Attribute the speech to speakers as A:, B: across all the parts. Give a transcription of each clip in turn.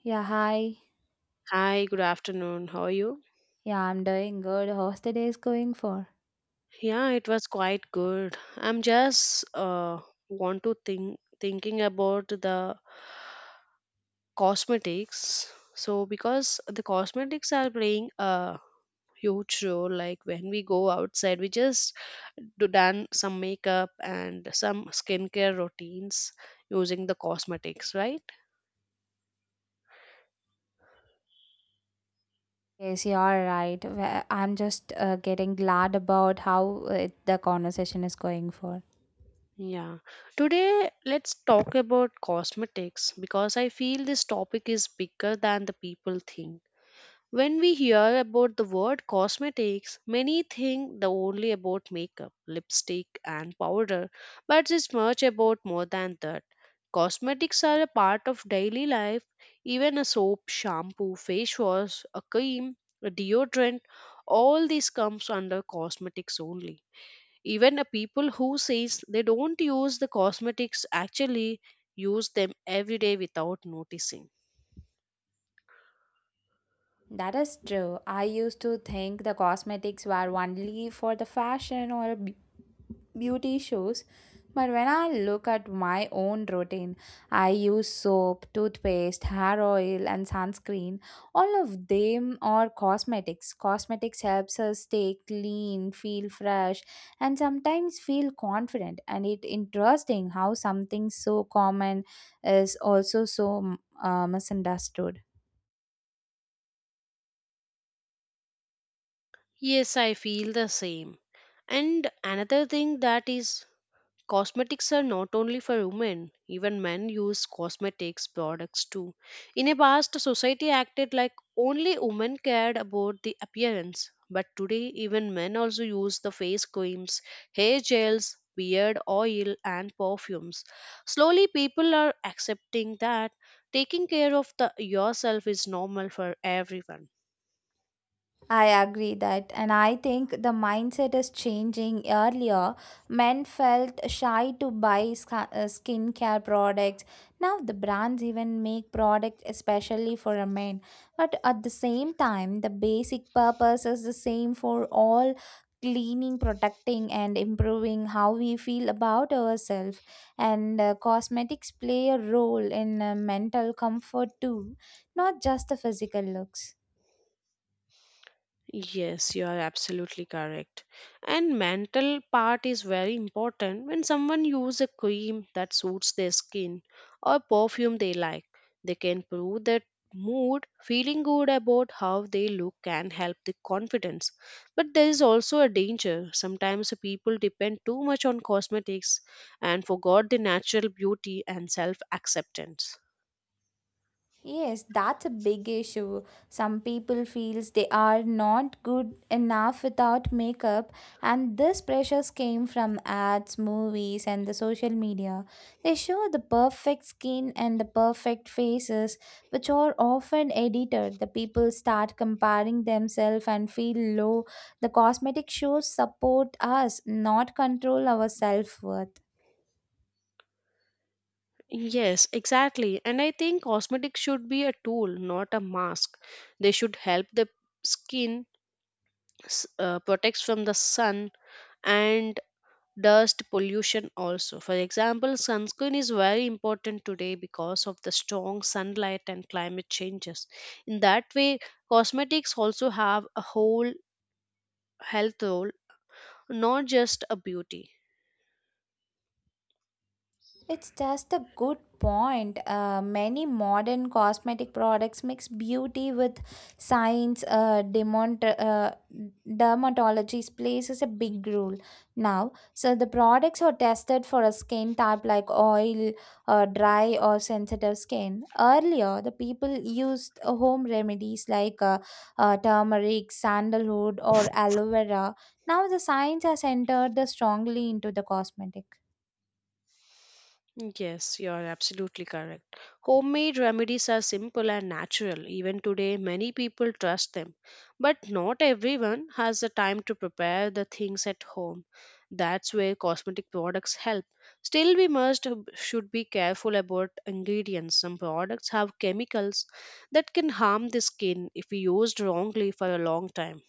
A: Yeah, hi.
B: Hi, good afternoon. How are you?
A: Yeah, I'm doing good. How's the day is going for?
B: Yeah, it was quite good. I'm just want to thinking about the cosmetics. So because the cosmetics are playing a huge role, like when we go outside, we just do done some makeup and some skincare routines using the cosmetics, right?
A: Yes, you are right. Well, I'm just getting glad about how it, the conversation is going for.
B: Yeah. Today, let's talk about cosmetics because I feel this topic is bigger than the people think. When we hear about the word cosmetics, many think the only about makeup, lipstick, and powder, but it's much about more than that. Cosmetics are a part of daily life, even a soap, shampoo, face wash, a cream, a deodorant, all this comes under cosmetics only, even a people who says they don't use the cosmetics actually use them every day without noticing.
A: That is true. I used to think the cosmetics were only for the fashion or beauty shows, but when I look at my own routine, I use soap, toothpaste, hair oil, and sunscreen. All of them are cosmetics. Cosmetics helps us stay clean, feel fresh, and sometimes feel confident. And it interesting how something so common is also so misunderstood.
B: Yes, I feel the same. And another thing that is, cosmetics are not only for women, even men use cosmetics products too. In a past, society acted like only women cared about the appearance, but today, even men also use the face creams, hair gels, beard oil, and perfumes. Slowly, people are accepting that taking care of the, yourself is normal for everyone.
A: I agree that, and I think the mindset is changing. Earlier, men felt shy to buy skincare products. Now, the brands even make products especially for a men. But at the same time, the basic purpose is the same for all cleaning, protecting, and improving how we feel about ourselves. And cosmetics play a role in mental comfort too, not just the physical looks.
B: Yes, you are absolutely correct. And mental part is very important. When someone use a cream that suits their skin or perfume they like, they can prove that mood, feeling good about how they look can help the confidence. But there is also a danger. Sometimes people depend too much on cosmetics and forgot the natural beauty and self-acceptance.
A: Yes, that's a big issue. Some people feels they are not good enough without makeup, and this pressures came from ads, movies, and the social media. They show the perfect skin and the perfect faces, which are often edited. The people start comparing themselves and feel low. The cosmetic shows support us, not control our self-worth.
B: Yes, exactly. And I think cosmetics should be a tool, not a mask. They should help the skin, protects from the sun and dust pollution also. For example, sunscreen is very important today because of the strong sunlight and climate changes. In that way, cosmetics also have a whole health role, not just a beauty.
A: It's just a good point. Many modern cosmetic products mix beauty with science. Dermatology plays a big role now. So the products are tested for a skin type like oil, dry, or sensitive skin. Earlier, the people used home remedies like turmeric, sandalwood, or aloe vera. Now the science has entered the strongly into the cosmetic.
B: Yes, you are absolutely correct. Homemade remedies are simple and natural. Even today, many people trust them. But not everyone has the time to prepare the things at home. That's where cosmetic products help. Still, we must should be careful about ingredients. Some products have chemicals that can harm the skin if used wrongly for a long time.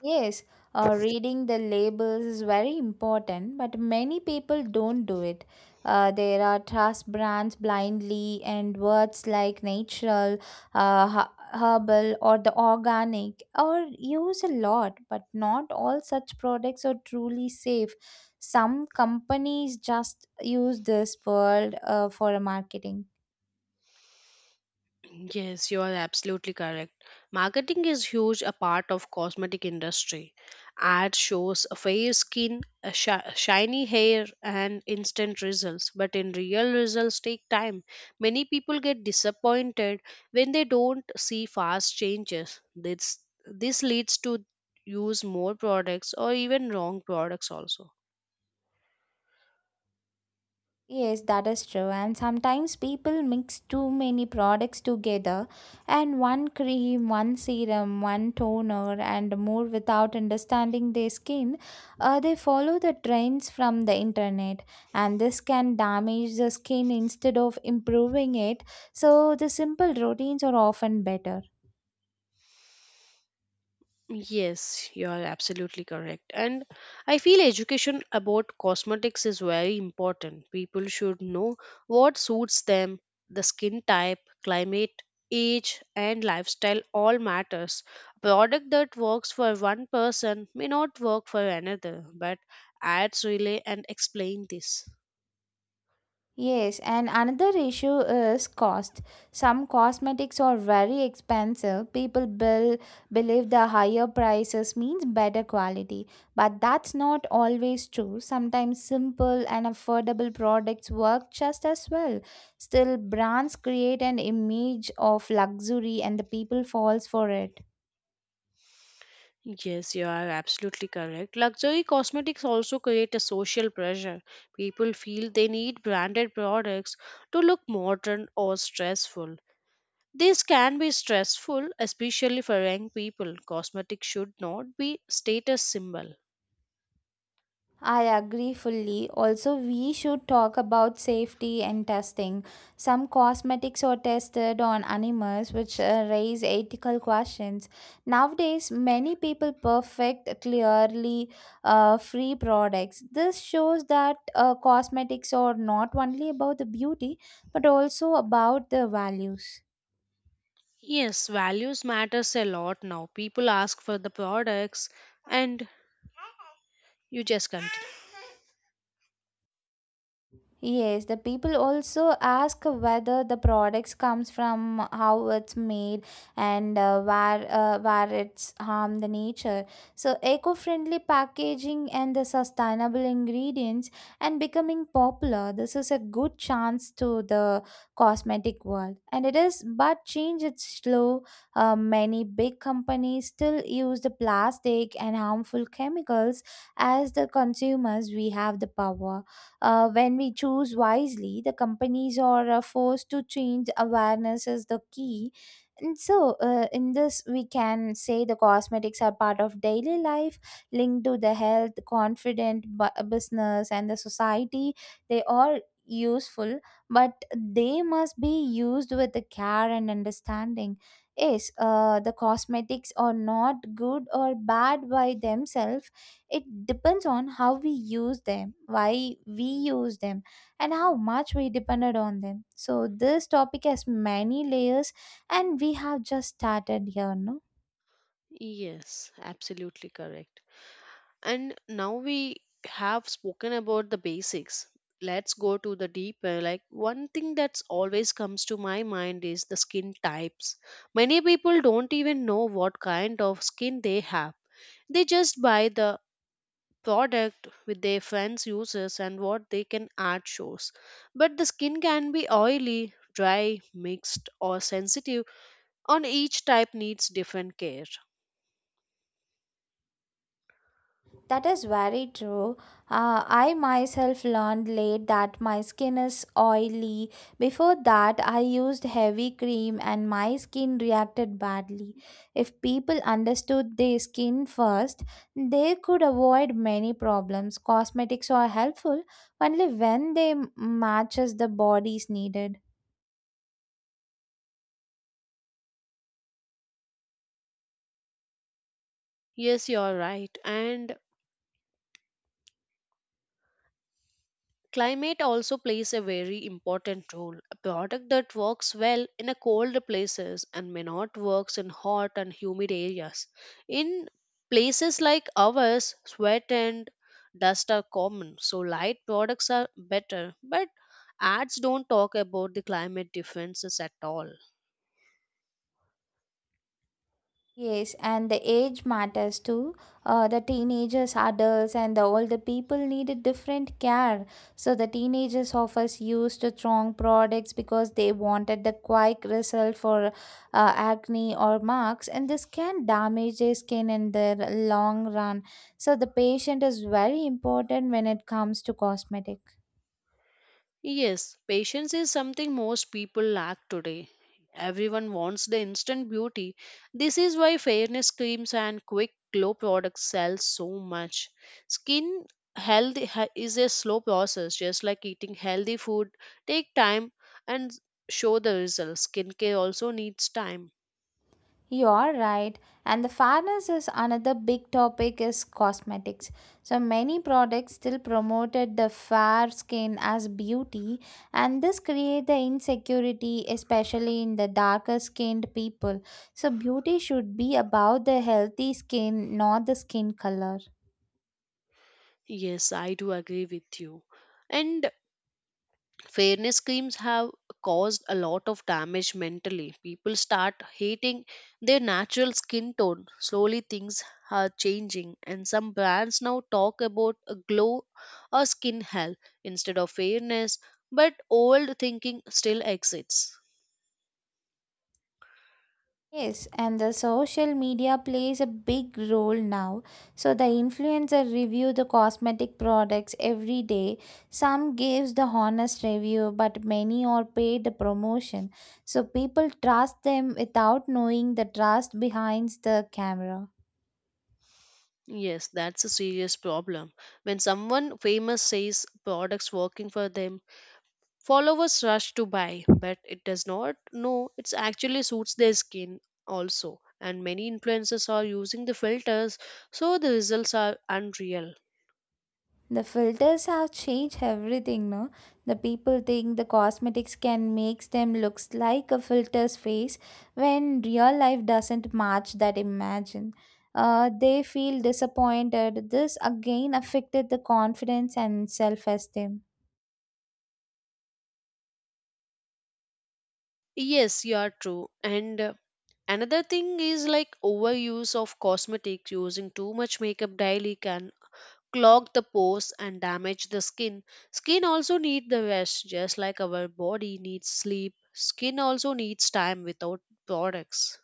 A: Yes, reading the labels is very important, but many people don't do it. There are trust brands blindly, and words like natural, herbal, or the organic are used a lot, but not all such products are truly safe. Some companies just use this word for marketing.
B: Yes, you are absolutely correct. Marketing is huge a part of cosmetic industry. Ad shows a fair skin, a shiny hair and instant results, but in real results take time. Many people get disappointed when they don't see fast changes. This leads to use more products or even wrong products also.
A: Yes, that is true. And sometimes people mix too many products together, and one cream, one serum, one toner, and more without understanding their skin. They follow the trends from the internet, and this can damage the skin instead of improving it. So, the simple routines are often better.
B: Yes, you are absolutely correct. And I feel education about cosmetics is very important. People should know what suits them, the skin type, climate, age, and lifestyle all matters. A product that works for one person may not work for another, but ads relay and explain this.
A: Yes, and another issue is cost. Some cosmetics are very expensive. Believe the higher prices means better quality, but that's not always true. Sometimes simple and affordable products work just as well. Still, brands create an image of luxury and the people falls for it.
B: Yes, you are absolutely correct. Luxury cosmetics also create a social pressure. People feel they need branded products to look modern or stressful. This can be stressful, especially for young people. Cosmetics should not be status symbol.
A: I agree fully. Also, we should talk about safety and testing. Some cosmetics are tested on animals, which raise ethical questions. Nowadays, many people perfect clearly free products. This shows that cosmetics are not only about the beauty but also about the values.
B: Yes, values matters a lot now. People ask for the products and you just continue.
A: Yes, the people also ask whether the products comes from how it's made, and where it's harm the nature. So eco-friendly packaging and the sustainable ingredients and becoming popular. This is a good chance to the cosmetic world, and it is. But change it's slow. Many big companies still use the plastic and harmful chemicals. As the consumers, we have the power when we choose wisely, the companies are forced to change awareness is the key. And so, in this, we can say the cosmetics are part of daily life, linked to the health, confident business, and the society. They are useful, but they must be used with the care and understanding. Yes, the cosmetics are not good or bad by themselves, it depends on how we use them, why we use them, and how much we depended on them. So, this topic has many layers, and we have just started here, no?
B: Yes, absolutely correct. And now we have spoken about the basics. Let's go to the deeper. Like one thing that's always comes to my mind is the skin types. Many people don't even know what kind of skin they have. They just buy the product with their friends uses and what they can add shows. But the skin can be oily, dry, mixed or sensitive. On each type needs different care.
A: That is very true. I myself learned late that my skin is oily. Before that, I used heavy cream and my skin reacted badly. If people understood their skin first, they could avoid many problems. Cosmetics are helpful only when they matches the body's needed.
B: Yes, you're right. And climate also plays a very important role. A product that works well in a cold places and may not works in hot and humid areas. In places like ours, sweat and dust are common, so light products are better. But ads don't talk about the climate differences at all.
A: Yes, and the age matters too. The teenagers, adults, and the older people needed different care. So the teenagers of us used strong products because they wanted the quick result for acne or marks, and this can damage their skin in the long run. So the patient is very important when it comes to cosmetic.
B: Yes, patience is something most people lack today. Everyone wants the instant beauty. This is why fairness creams and quick glow products sell so much. Skin health is a slow process, just like eating healthy food. Take time and show the results. Skincare also needs time.
A: You're right. And the fairness is another big topic is cosmetics. So many products still promoted the fair skin as beauty, and this create the insecurity especially in the darker skinned people. So beauty should be about the healthy skin not the skin color.
B: Yes, I do agree with you. And fairness schemes have caused a lot of damage mentally. People start hating their natural skin tone. Slowly things are changing, and some brands now talk about a glow or skin health instead of fairness, but old thinking still exists.
A: Yes, and the social media plays a big role now. So the influencer review the cosmetic products every day. Some gives the honest review, but many are paid the promotion. So people trust them without knowing the trust behind the camera.
B: Yes, that's a serious problem. When someone famous says products working for them, followers rush to buy, but it does not. No, it actually suits their skin also. And many influencers are using the filters, so the results are unreal.
A: The filters have changed everything, no? The people think the cosmetics can make them looks like a filter's face when real life doesn't match that imagine. They feel disappointed. This again affected the confidence and self-esteem.
B: Yes, you are true. And another thing is like overuse of cosmetics. Using too much makeup daily can clog the pores and damage the skin. Skin also need the rest, just like our body needs sleep. Skin also needs time without products.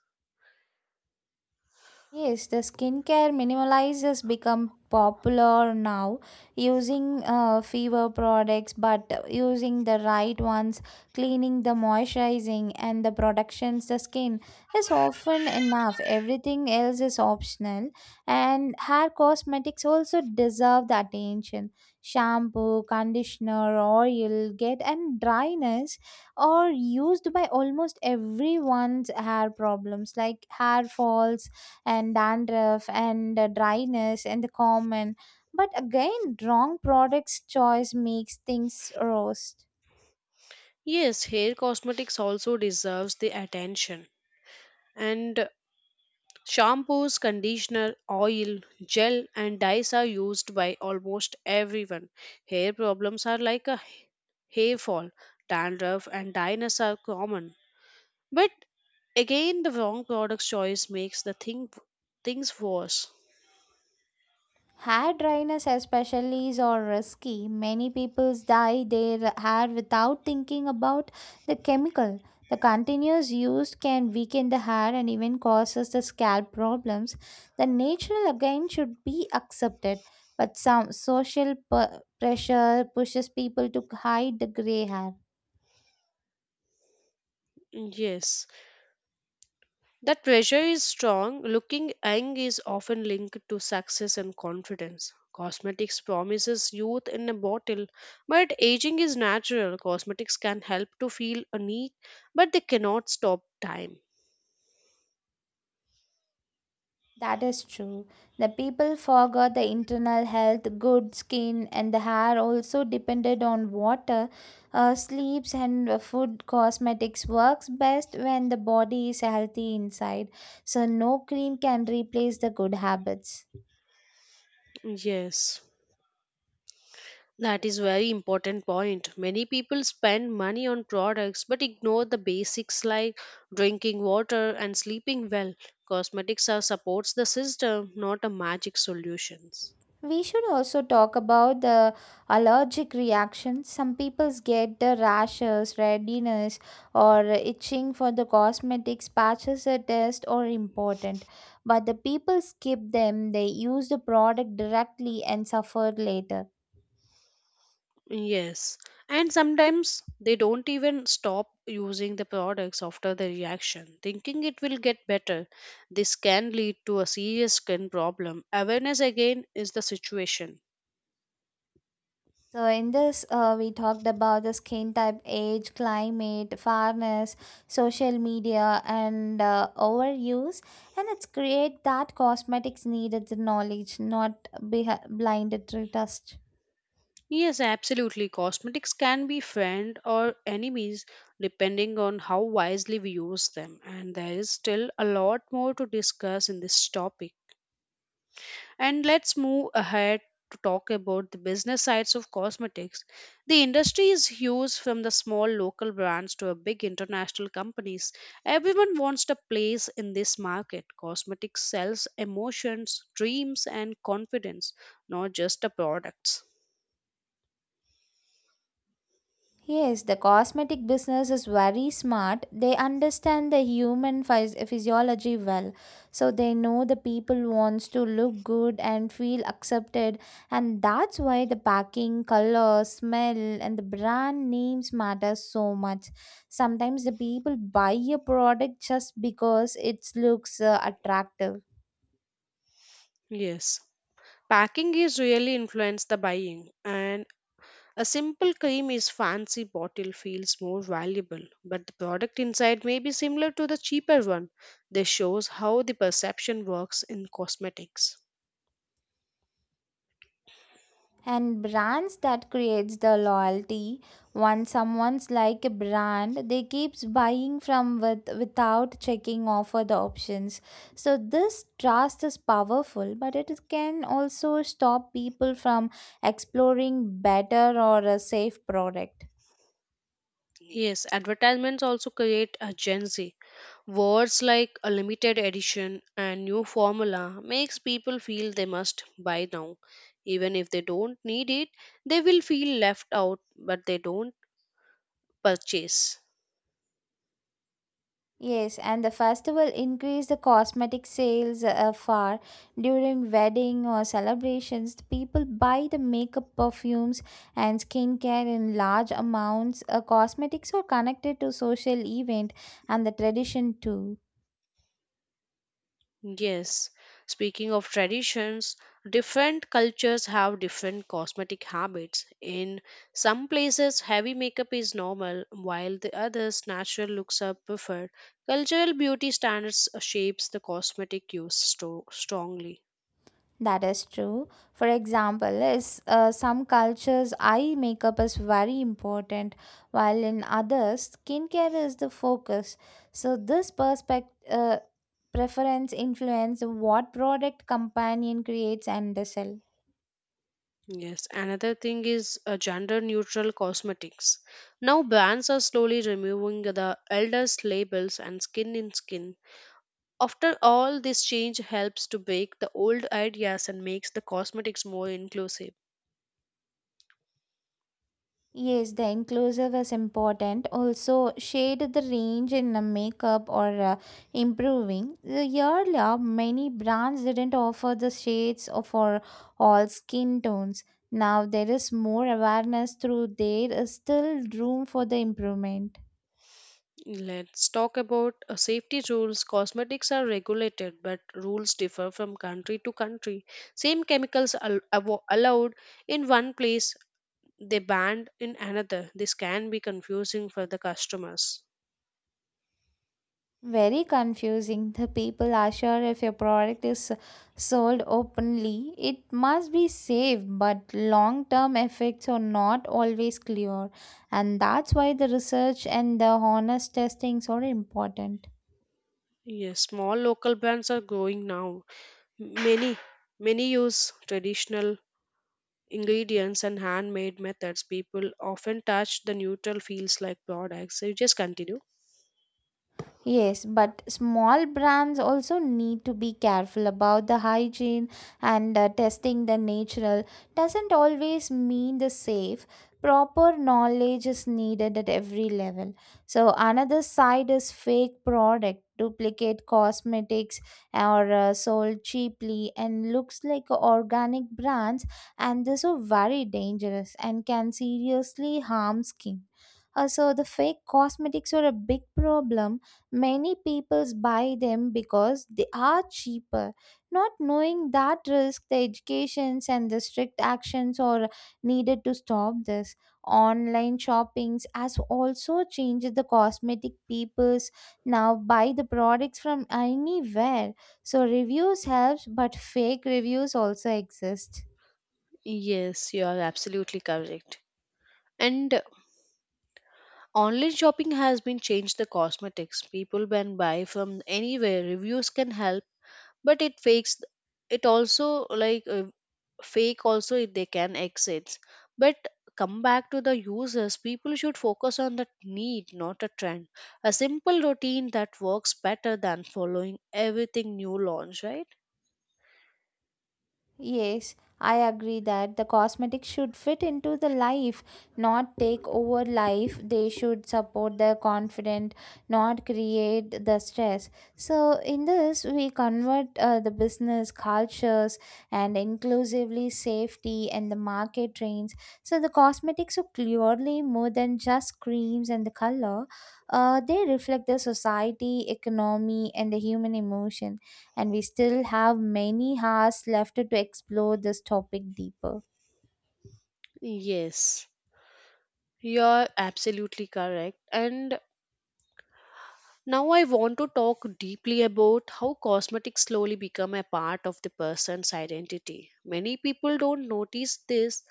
A: Yes, the skincare minimalize has become popular now using fewer products but using the right ones, cleaning the moisturizing and the productions the skin is often enough. Everything else is optional, and hair cosmetics also deserve the attention. Shampoo, conditioner, oil, get and dryness are used by almost everyone's hair problems like hair falls and dandruff and dryness and the common. But again, wrong products choice makes things worse.
B: Yes, hair cosmetics also deserves the attention. And shampoos, conditioner, oil, gel and dyes are used by almost everyone. Hair problems are like a hair fall, dandruff and dryness are common. But again the wrong product choice makes the things worse.
A: Hair dryness, especially, is all risky. Many people dye their hair without thinking about the chemical. The continuous use can weaken the hair and even causes the scalp problems. The natural again should be accepted, but some social pressure pushes people to hide the gray hair.
B: Yes. That pressure is strong. Looking young is often linked to success and confidence. Cosmetics promises youth in a bottle, but aging is natural. Cosmetics can help to feel unique, but they cannot stop time.
A: That is true. The people forgot the internal health, good skin, and the hair also depended on water. Sleeps and food cosmetics works best when the body is healthy inside. So no cream can replace the good habits.
B: Yes. That is very important point. Many people spend money on products but ignore the basics like drinking water and sleeping well. Cosmetics are supports the system, not a magic solutions.
A: We should also talk about the allergic reactions. Some people get the rashes, redness, or itching for the cosmetics patches or test or important. But the people skip them, they use the product directly and suffer later.
B: Yes, and sometimes they don't even stop using the products after the reaction, thinking it will get better. This can lead to a serious skin problem. Awareness again is the situation.
A: So in this, we talked about the skin type, age, climate, fairness, social media, and overuse, and it's great that cosmetics needed the knowledge, not be blinded to trust.
B: Yes, absolutely. Cosmetics can be friend or enemies depending on how wisely we use them, and there is still a lot more to discuss in this topic. And let's move ahead to talk about the business sides of cosmetics. The industry is huge, from the small local brands to a big international companies. Everyone wants a place in this market. Cosmetics sells emotions, dreams and confidence, not just the products.
A: Yes, the cosmetic business is very smart. They understand the human physiology well. So they know the people wants to look good and feel accepted, and that's why the packing, color, smell and the brand names matter so much. Sometimes the people buy a product just because it looks attractive.
B: Yes. Packing is really influenced the buying, and a simple cream is fancy bottle feels more valuable, but the product inside may be similar to the cheaper one. This shows how the perception works in cosmetics.
A: And brands that creates the loyalty once someone's like a brand they keeps buying from with without checking offer the options, so this trust is powerful but it can also stop people from exploring better or a safe product.
B: Yes, advertisements also create a Gen Z. Words like a limited edition and new formula makes people feel they must buy now. Even if they don't need it, they will feel left out, but they don't purchase.
A: Yes, and the festival increased the cosmetic sales far during wedding or celebrations. The people buy the makeup, perfumes, and skincare in large amounts. Cosmetics are connected to social event and the tradition too.
B: Yes, speaking of traditions, different cultures have different cosmetic habits. In some places, heavy makeup is normal, while the others, natural looks are preferred. Cultural beauty standards shapes the cosmetic use strongly.
A: That is true. For example, is some cultures eye makeup is very important, while in others skincare is the focus. So this perspective preference influence what product companion creates and they sell.
B: Yes, another thing is gender neutral cosmetics. Now brands are slowly removing the elders labels and skin in skin. After all, this change helps to break the old ideas and makes the cosmetics more inclusive.
A: Yes, the enclosure was important. Also, shade the range in the makeup or improving. The earlier, many brands didn't offer the shades for all skin tones. Now there is more awareness through there is still room for the improvement.
B: Let's talk about safety rules. Cosmetics are regulated, but rules differ from country to country. Same chemicals allowed in one place, they banned in another. This can be confusing for the customers.
A: Very confusing. The people are sure if your product is sold openly, it must be safe, but long term effects are not always clear. And that's why the research and the honest testings are important.
B: Yes, small local brands are growing now. Many, many use traditional ingredients and handmade methods, people often touch the neutral fields like products. So you just continue.
A: Yes, but small brands also need to be careful about the hygiene and testing the natural doesn't always mean the safe. Proper knowledge is needed at every level. So, another side is fake product, duplicate cosmetics or sold cheaply and looks like organic brands, and this are very dangerous and can seriously harm skin. So the fake cosmetics are a big problem. Many people buy them because they are cheaper, not knowing that risk, the educations and the strict actions are needed to stop this. Online shoppings has also changed the cosmetic peoples now buy the products from anywhere. So reviews helps, but fake reviews also exist.
B: Yes, you are absolutely correct. And online shopping has been changed the cosmetics. People can buy from anywhere. Reviews can help, but it fakes it also, like fake also if they can exit, but come back to the users. People should focus on the need, not a trend. A simple routine that works better than following everything new launch, right?
A: Yes, I agree that the cosmetics should fit into the life, not take over life. They should support the confident, not create the stress. So, in this, we convert the business cultures and inclusively safety and the market trends. So, the cosmetics are clearly more than just creams and the color. They reflect the society, economy, and the human emotion, and we still have many hours left to explore this topic deeper.
B: Yes, you're absolutely correct. And now I want to talk deeply about how cosmetics slowly become a part of the person's identity. Many people don't notice this.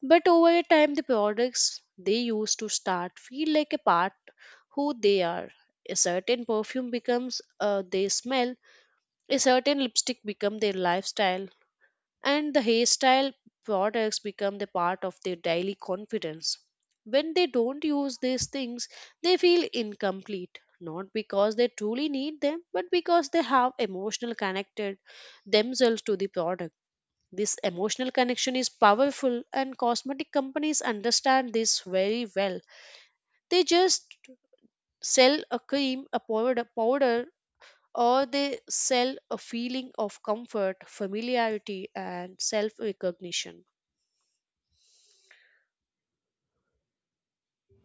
B: But over a time, the products they use to start feel like a part who they are. A certain perfume becomes their smell. A certain lipstick become their lifestyle, and the hairstyle products become the part of their daily confidence. When they don't use these things, they feel incomplete. Not because they truly need them, but because they have emotional connected themselves to the product. This emotional connection is powerful, and cosmetic companies understand this very well. They just sell a cream, a powder, or they sell a feeling of comfort, familiarity, and self recognition.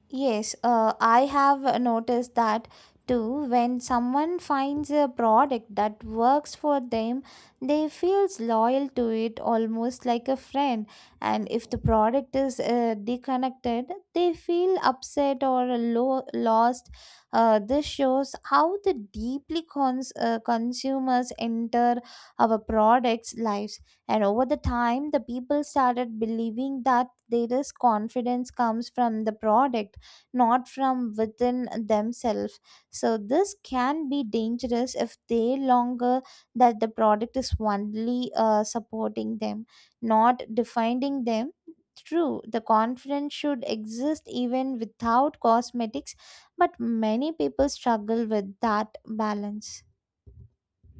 A: Yes, I have noticed that too. When someone finds a product that works for them, they feels loyal to it almost like a friend. And if the product is disconnected, they feel upset or lost. This shows how the deeply consumers enter our products' lives. And over the time, the people started believing that there is confidence comes from the product not from within themselves, so this can be dangerous if they longer that the product is only supporting them, not defining them. True, the confidence should exist even without cosmetics, but many people struggle with that balance.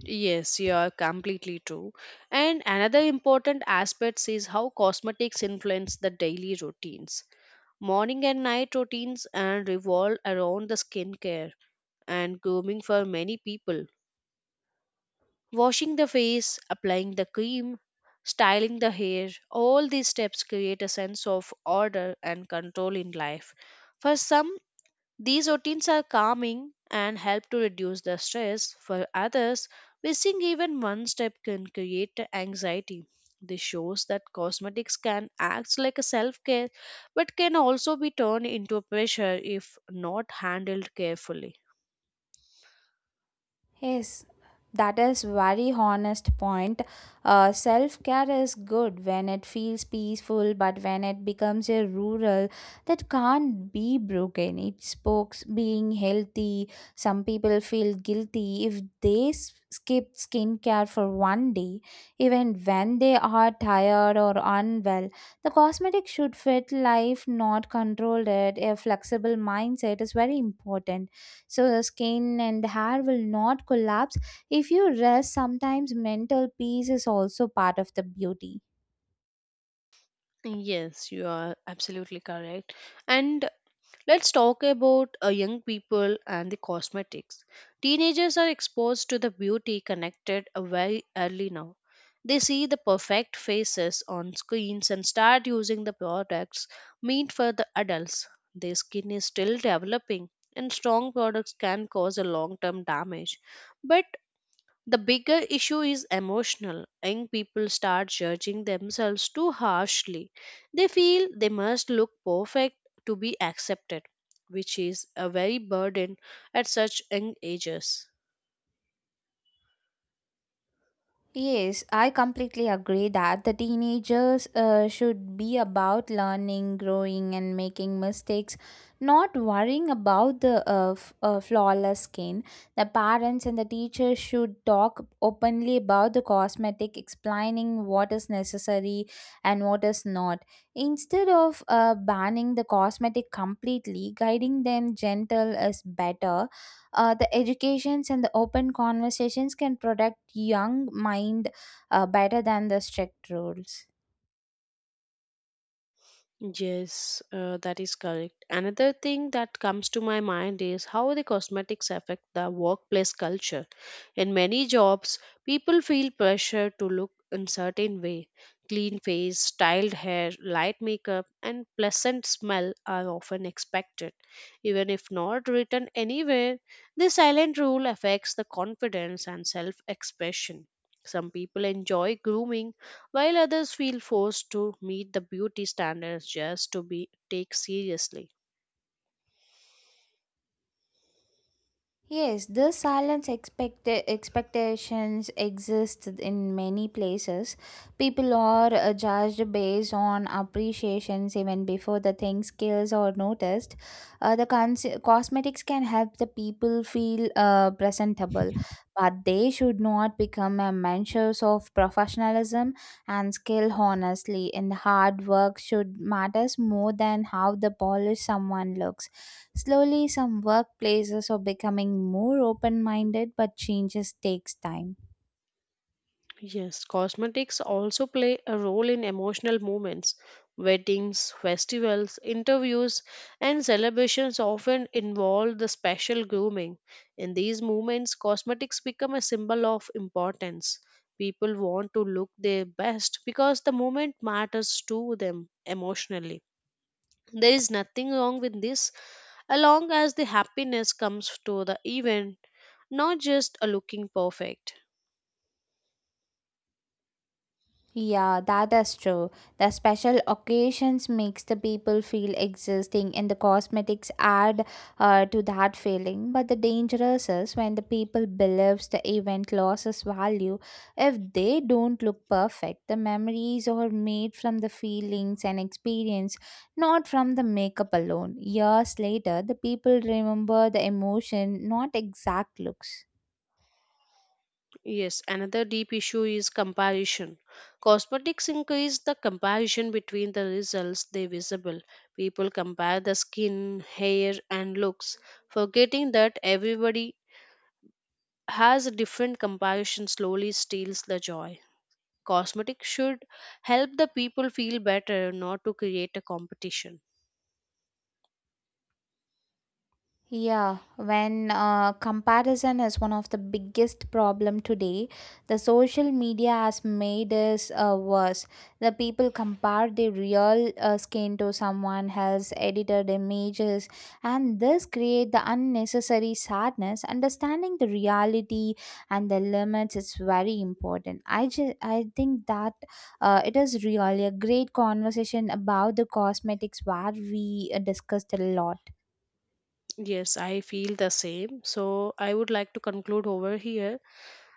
B: Yes, you are completely true. And another important aspect is how cosmetics influence the daily routines. Morning and night routines and revolve around the skincare and grooming for many people. Washing the face, applying the cream, styling the hair, all these steps create a sense of order and control in life. For some, these routines are calming and help to reduce the stress. For others, missing even one step can create anxiety. This shows that cosmetics can act like a self care, but can also be turned into pressure if not handled carefully.
A: Yes, that is very honest point. Self care is good when it feels peaceful, but when it becomes a rural, that can't be broken. It spokes being healthy. Some people feel guilty if they skip skincare for one day, even when they are tired or unwell. The cosmetic should fit life, not control it. A flexible mindset is very important, so the skin and the hair will not collapse if you rest sometimes. Mental peace is also part of the beauty.
B: Yes, you are absolutely correct. And let's talk about young people and the cosmetics. Teenagers are exposed to the beauty connected very early now. They see the perfect faces on screens and start using the products meant for the adults. Their skin is still developing, and strong products can cause a long term damage. But the bigger issue is emotional. Young people start judging themselves too harshly. They feel they must look perfect to be accepted, which is a very burden at such young ages.
A: Yes, I completely agree that the teenagers should be about learning, growing, and making mistakes, not worrying about the flawless skin. The parents and the teachers should talk openly about the cosmetic, explaining what is necessary and what is not. Instead of banning the cosmetic completely, guiding them gentle is better. The educations and the open conversations can protect young mind better than the strict rules.
B: Yes, that is correct. Another thing that comes to my mind is how the cosmetics affect the workplace culture. In many jobs, people feel pressure to look in certain way. Clean face, styled hair, light makeup, and pleasant smell are often expected. Even if not written anywhere, this silent rule affects the confidence and self-expression. Some people enjoy grooming, while others feel forced to meet the beauty standards just to be taken seriously.
A: Yes, the silence expectations exist in many places. People are judged based on appreciations even before the thing skills are noticed. The cosmetics can help the people feel presentable, but they should not become a measures of professionalism and skill. Honestly, and hard work should matters more than how the polished someone looks. Slowly, some workplaces are becoming more open minded, but changes takes time.
B: Yes, cosmetics also play a role in emotional moments. Weddings, festivals, interviews, and celebrations often involve the special grooming. In these moments, cosmetics become a symbol of importance. People want to look their best because the moment matters to them emotionally. There is nothing wrong with this along as the happiness comes to the event, not just a looking perfect.
A: Yeah, that is true. The special occasions makes the people feel existing and the cosmetics add to that feeling. But the dangerous is when the people believes the event loses value. If they don't look perfect, the memories are made from the feelings and experience, not from the makeup alone. Years later, the people remember the emotion, not exact looks.
B: Yes, another deep issue is comparison. Cosmetics increase the comparison between the results they visible. People compare the skin, hair, and looks, forgetting that everybody has a different comparison slowly steals the joy. Cosmetics should help the people feel better, not to create a competition.
A: Yeah, when comparison is one of the biggest problem today, the social media has made us worse. The people compare their real skin to someone else, edited images, and this create the unnecessary sadness. Understanding the reality and the limits is very important. I think that it is really a great conversation about the cosmetics where we discussed a lot.
B: Yes, I feel the same. So I would like to conclude over here.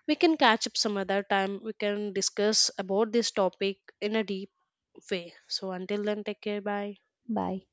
B: We can catch up some other time. We can discuss about this topic in a deep way. So until then, take care. Bye.
A: Bye.